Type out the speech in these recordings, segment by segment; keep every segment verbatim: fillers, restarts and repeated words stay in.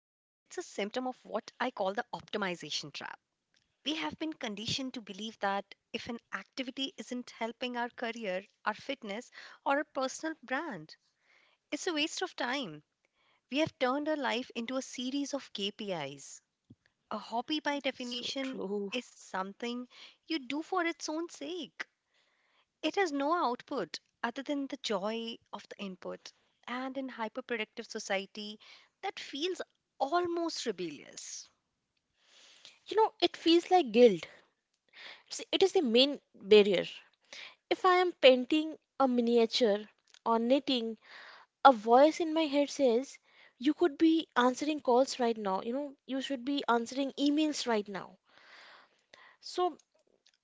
of what I call the optimization trap. We have been conditioned to believe that if an activity isn't helping our career, our fitness, or our personal brand, it's a waste of time. We have turned our life into a series of K P Is. A hobby, by So definition, true. is something you do for its own sake. It has no output other than the joy of the input. And in hyperproductive society, that feels almost rebellious. You know, it feels like guilt. It's- It is the main barrier. If I am painting a miniature or knitting, a voice in my head says, you could be answering calls right now, you know, you should be answering emails right now. So,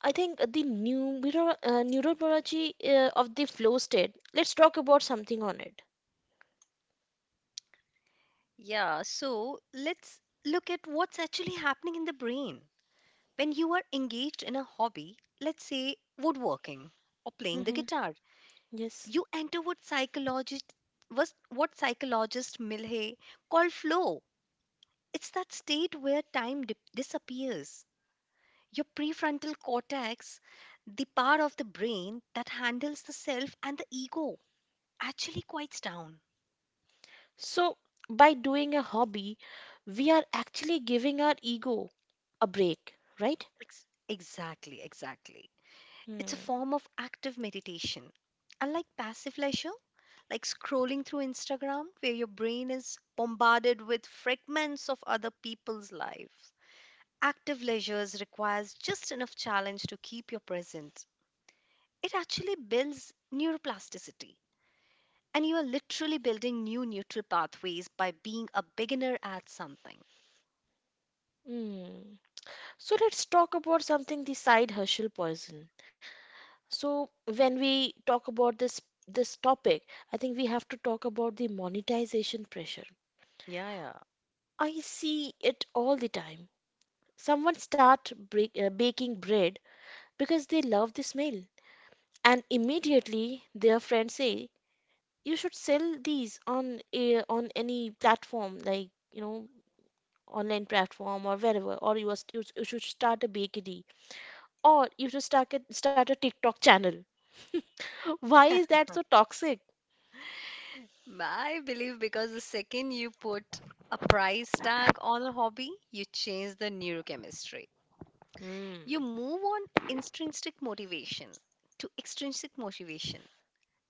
I think the neuro, uh, neurobiology uh, of the flow state, let's talk about something on it. Yeah, so let's look at what's actually happening in the brain. When you are engaged in a hobby, let's say woodworking or playing the Hmm. guitar, Yes. you enter what psychologist was what psychologist Milhay called flow. It's that state where time dip disappears. Your prefrontal cortex, the part of the brain that handles the self and the ego, actually quiets down. So, by doing a hobby, we are actually giving our ego a break, right? Ex- exactly, exactly. Hmm. It's a form of active meditation. Unlike passive leisure, like scrolling through Instagram, where your brain is bombarded with fragments of other people's lives, active leisures requires just enough challenge to keep you present. It actually builds neuroplasticity. And you are literally building new neutral pathways by being a beginner at something. Hmm. So let's talk about something, the side hustle poison. So when we talk about this this topic, I think we have to talk about the monetization pressure. Yeah, yeah. I see it all the time. Someone start break, uh, baking bread because they love the smell, and immediately their friends say, you should sell these on a, on any platform, like, you know, online platform or wherever, or you, are, you, you should start a bakery, or you should start a, start a TikTok channel. Why is that so toxic? I believe because the second you put a price tag on a hobby, you change the neurochemistry. Hmm. You move on intrinsic motivation to extrinsic motivation.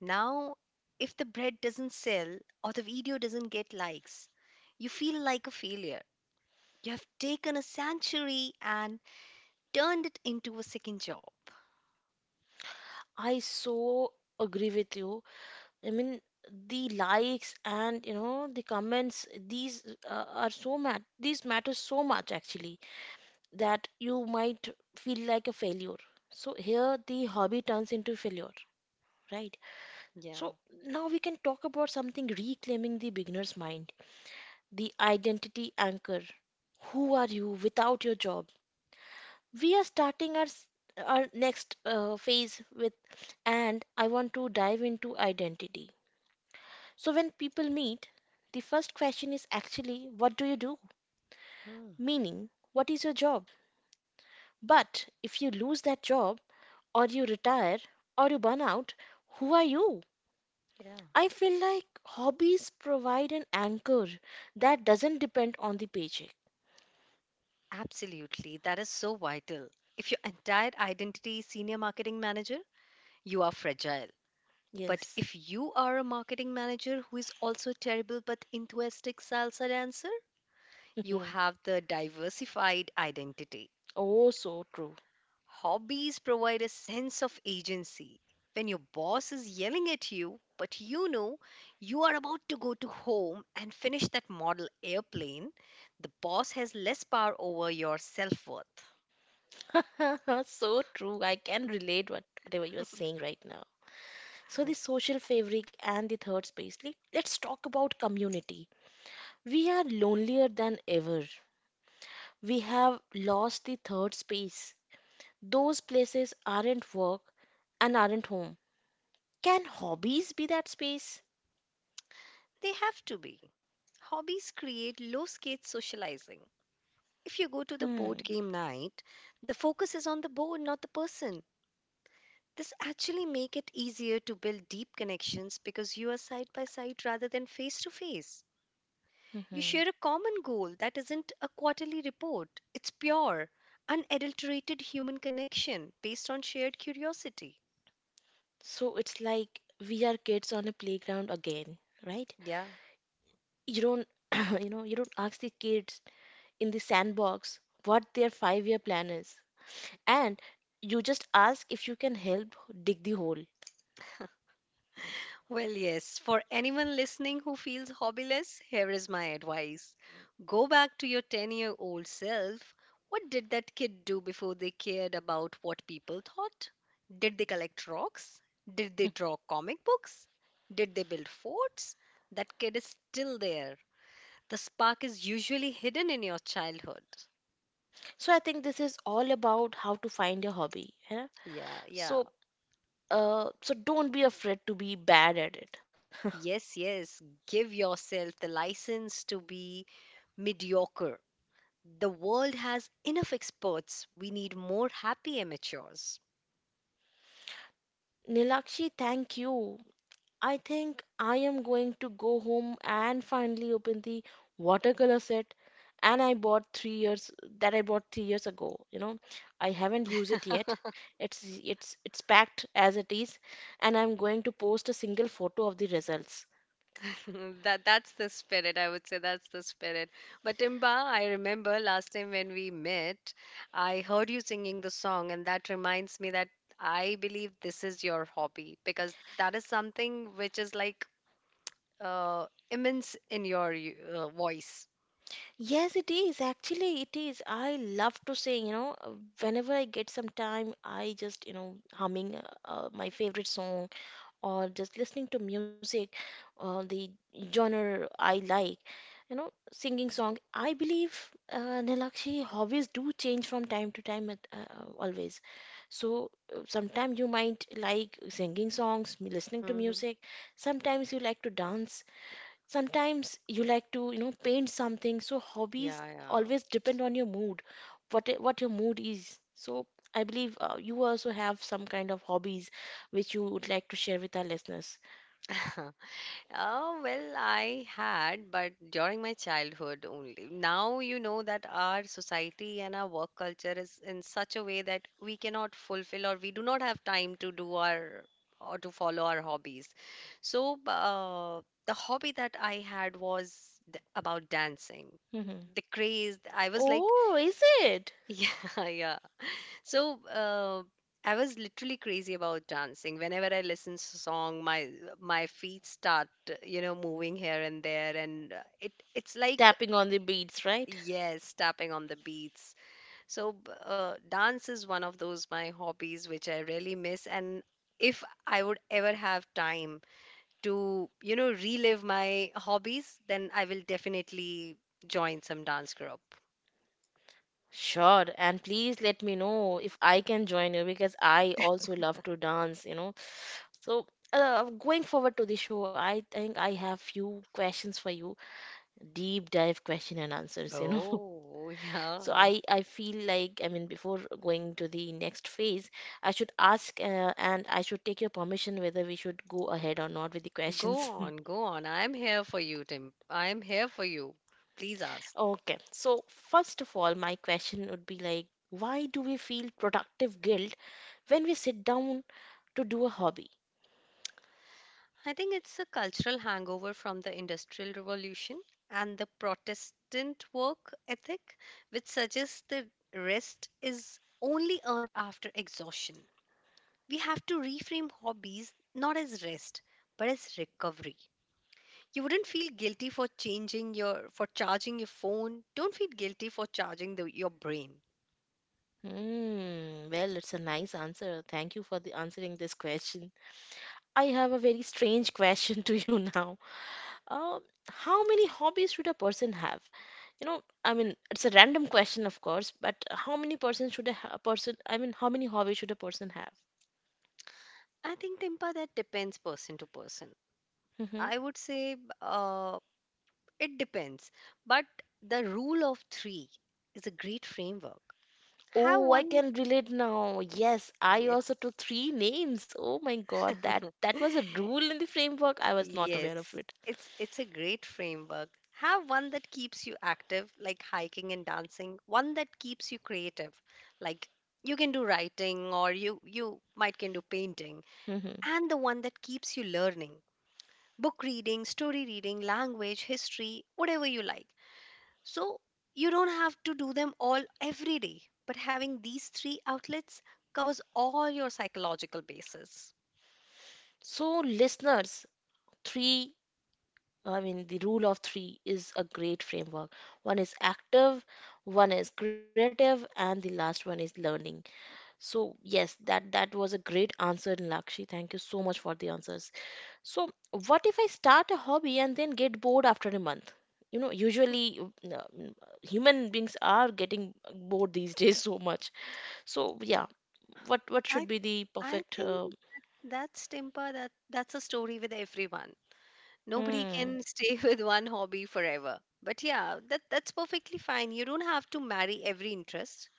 Now, if the bread doesn't sell or the video doesn't get likes, you feel like a failure. You have taken a sanctuary and turned it into a second job. I so agree with you. I mean, the likes and, you know, the comments, these uh, are so mat these matter so much actually that you might feel like a failure. So here the hobby turns into failure, right? So Yeah. now we can talk about something, reclaiming the beginner's mind, the identity anchor. Who are you without your job? We are starting our s- our next uh, phase with, and I want to dive into identity. So, when people meet, the first question is actually, what do you do? Meaning, what is your job? But if you lose that job, or you retire, or you burn out, who are you? Yeah, I feel like hobbies provide an anchor that doesn't depend on the paycheck. absolutely. That is so vital. If your entire identity is senior marketing manager, you are fragile. But Yes. if you are a marketing manager who is also terrible but enthusiastic salsa dancer, you have the diversified identity. Oh, so true. Hobbies provide a sense of agency. When your boss is yelling at you, but you know you are about to go to home and finish that model airplane, the boss has less power over your self worth. So true. I can relate what whatever you are saying right now. So the social fabric and the third space. Let- Let's talk about community. We are lonelier than ever. We have lost the third space. Those places aren't work and aren't home. Can hobbies be that space? They have to be. Hobbies create low scale socializing. If you go to the board Hmm. game night, the focus is on the board, not the person. This actually make it easier to build deep connections because you are side by side rather than face to face. You Hmm. share a common goal that isn't a quarterly report. It's pure, unadulterated human connection based on shared curiosity. So it's like we are kids on a playground again, right? Yeah. You don't, you know, you don't ask the kids in the sandbox what their five-year plan is, and you just ask if you can help dig the hole. Well, yes, for anyone listening who feels hobbyless, here is my advice. Go back to your ten year old self. What did that kid do before they cared about what people thought? Did they collect rocks? Did they draw comic books? Did they build forts? That kid is still there. The spark is usually hidden in your childhood. So I think this is all about how to find your hobby. Yeah? Yeah, yeah. So, Uh, so don't be afraid to be bad at it. Yes, yes. Give yourself the license to be mediocre. The world has enough experts. We need more happy amateurs. Nilakshi, thank you. I think I am going to go home and finally open the watercolor set and I bought three years that I bought three years ago. You know, I haven't used it yet. It's it's it's packed as it is, and I'm going to post a single photo of the results. that that's the spirit, I would say, that's the spirit. But Timba, I remember last time when we met, I heard you singing the song, and that reminds me that I believe this is your hobby because that is something which is like uh, immense in your y- uh, voice. Yes, it is. Actually, it is. I love to sing, you know, whenever I get some time, I just, you know, humming uh, uh, my favorite song or just listening to music or the genre I like. You know, singing song. I believe, uh, Nilakshi, hobbies do change from time to time, at- uh, uh, always. So sometimes you might like singing songs, m- listening to Hmm. music. Sometimes you like to dance, sometimes you like to, you know, paint something. So hobbies Yeah, always depend on your mood, what i- what your mood is. So I believe, uh, you also have some kind of hobbies which you would like to share with our listeners. yeah. Oh, well, I had, but during my childhood only. Now you know that our society and our work culture is in such a way that we cannot fulfill or we do not have time to do our or to follow our hobbies. So, b- uh, the hobby that I had was th- about dancing. Hmm. The craze, I was like, Oh, is it? yeah, yeah. So uh, I was literally crazy about dancing. Whenever I listen to song, my my feet start, you know, moving here and there, and uh, it it's like Tapping on the beads, right? yes, tapping on the beats. So b- uh, dance is one of those my hobbies which I really miss, and if I would ever have time to, you know, relive my hobbies, then I will definitely join some dance group. Sure, and please let me know if I can join you because I also love to dance, you know. So, uh, going forward to the show, I think I have few questions for you, deep dive question and answers, you know. Oh, yeah. So I, I feel like, I mean, before going to the next phase, I should ask, uh, and I should take your permission whether we should go ahead or not with the Go questions. on, go on. I'm here for you, Tim. I'm here for you. Please ask. Okay, so first of all, my question would be like, why do we feel productive guilt when we sit down to do a hobby? I think it's a cultural hangover from the Industrial Revolution and the Protestant work ethic, which suggests that rest is only earned after exhaustion. We have to reframe hobbies not as rest, but as recovery. You wouldn't feel guilty for changing your for charging your phone. Don't feel guilty for charging the, your brain. Hmm, well, it's a nice answer. Thank you for the answering this question. I have a very strange question to you now. Uh, how many hobbies should a person have? You know, I mean, it's a random question, of course, but how many person should a, ha- a person, I mean, how many hobbies should a person have? I think, Timpa, that depends person to person. Hmm. I would say uh, it depends, but the rule of three is a great framework. Have Oh, I one, can relate now. Yes, I also yes, took three names. Oh my God, that that was a rule in the framework. I was not aware of yes, it. it, it's a great framework. Have one that keeps you active, like hiking and dancing, one that keeps you creative, like you can do writing or you, you might can do painting, Hmm. and the one that keeps you learning. Book reading, story reading, language, history, whatever you like. So you don't have to do them all every day, but having these three outlets covers all your psychological bases. So, listeners, three, I mean, the rule of three is a great framework. One is active, one is creative, and the last one is learning. So yes, that that was a great answer, Lakshi. Thank you so much for the answers. So what if I start a hobby and then get bored after a month? You know, usually uh, mm, human beings are getting bored these days so much. So yeah, what what I should be the I perfect? think Uh, that's Timpa that that's a story with everyone. Nobody hmm. can stay with one hobby forever. But yeah, that that's perfectly fine. You don't have to marry every interest.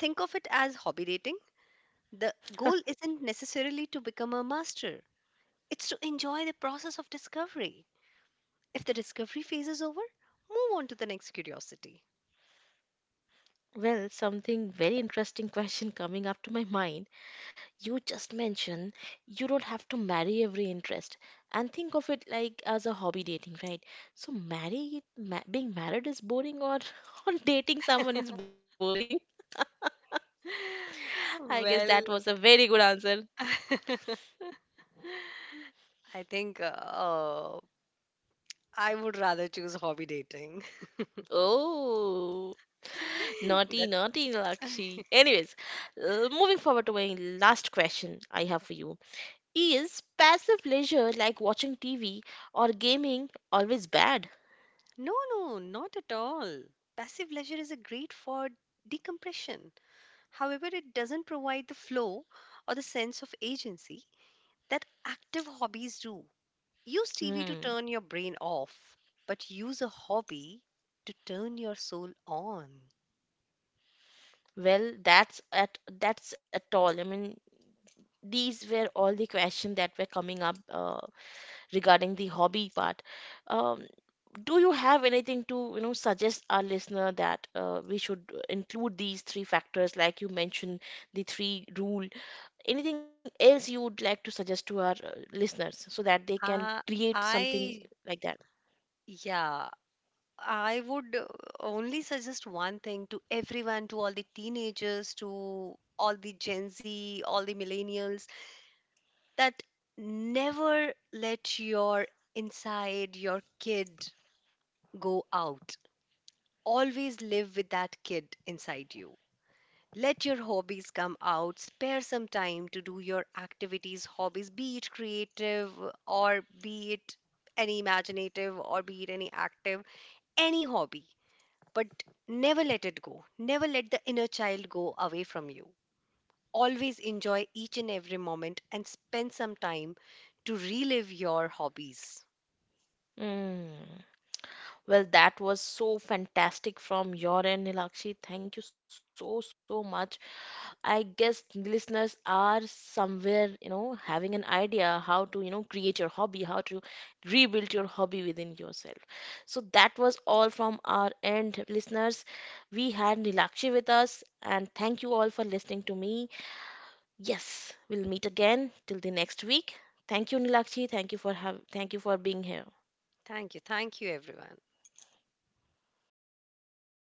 Think of it as hobby dating. The goal isn't necessarily to become a master. It's to enjoy the process of discovery. If the discovery phase is over, move on to the next curiosity. Well, something very interesting question coming up to my mind. You just mentioned you don't have to marry every interest and think of it like as a hobby dating, right? So marry ma- being married is boring or or dating someone is boring. I guess that was a Well, very good answer. I think uh, I would rather choose hobby dating. Oh, naughty, That naughty, Lakshi. Anyways, uh, moving forward to my last question I have for you. Is passive leisure like watching T V or gaming always bad? no, no, not at all. Passive leisure is a great for decompression. However, it doesn't provide the flow or the sense of agency that active hobbies do. Use T V to Hmm. turn your brain off, but use a hobby to turn your soul on. Well, that's at that's at all. I mean, these were all the questions that were coming up, uh, regarding the hobby part. Um, do you have anything to, you know, suggest our listener that, uh, we should include these three factors, like you mentioned, the three rule? Anything else you would like to suggest to our, uh, listeners so that they can Uh, create I, something like that? yeah, I would uh, only suggest one thing to everyone, to all the teenagers, to all the Gen Z, all the millennials, that never let your inside your kid go out. Always live with that kid inside you. Let your hobbies come out. Spare some time to do your activities, hobbies, be it creative or be it any imaginative or be it any active, any hobby, but never let it go. Never let the inner child go away from you. Always enjoy each and every moment and spend some time to relive your hobbies. Mm. Well, that was so fantastic from your end, Nilakshi. Thank you so, so much. I guess listeners are somewhere, you know, having an idea how to, you know, create your hobby, how to rebuild your hobby within yourself. So that was all from our end, listeners. We had Nilakshi with us, and thank you all for listening to me. Yes, we'll meet again till the next week. Thank you, Nilakshi. Thank you for have, thank you for being here. Thank you. Thank you, everyone. Bye bye.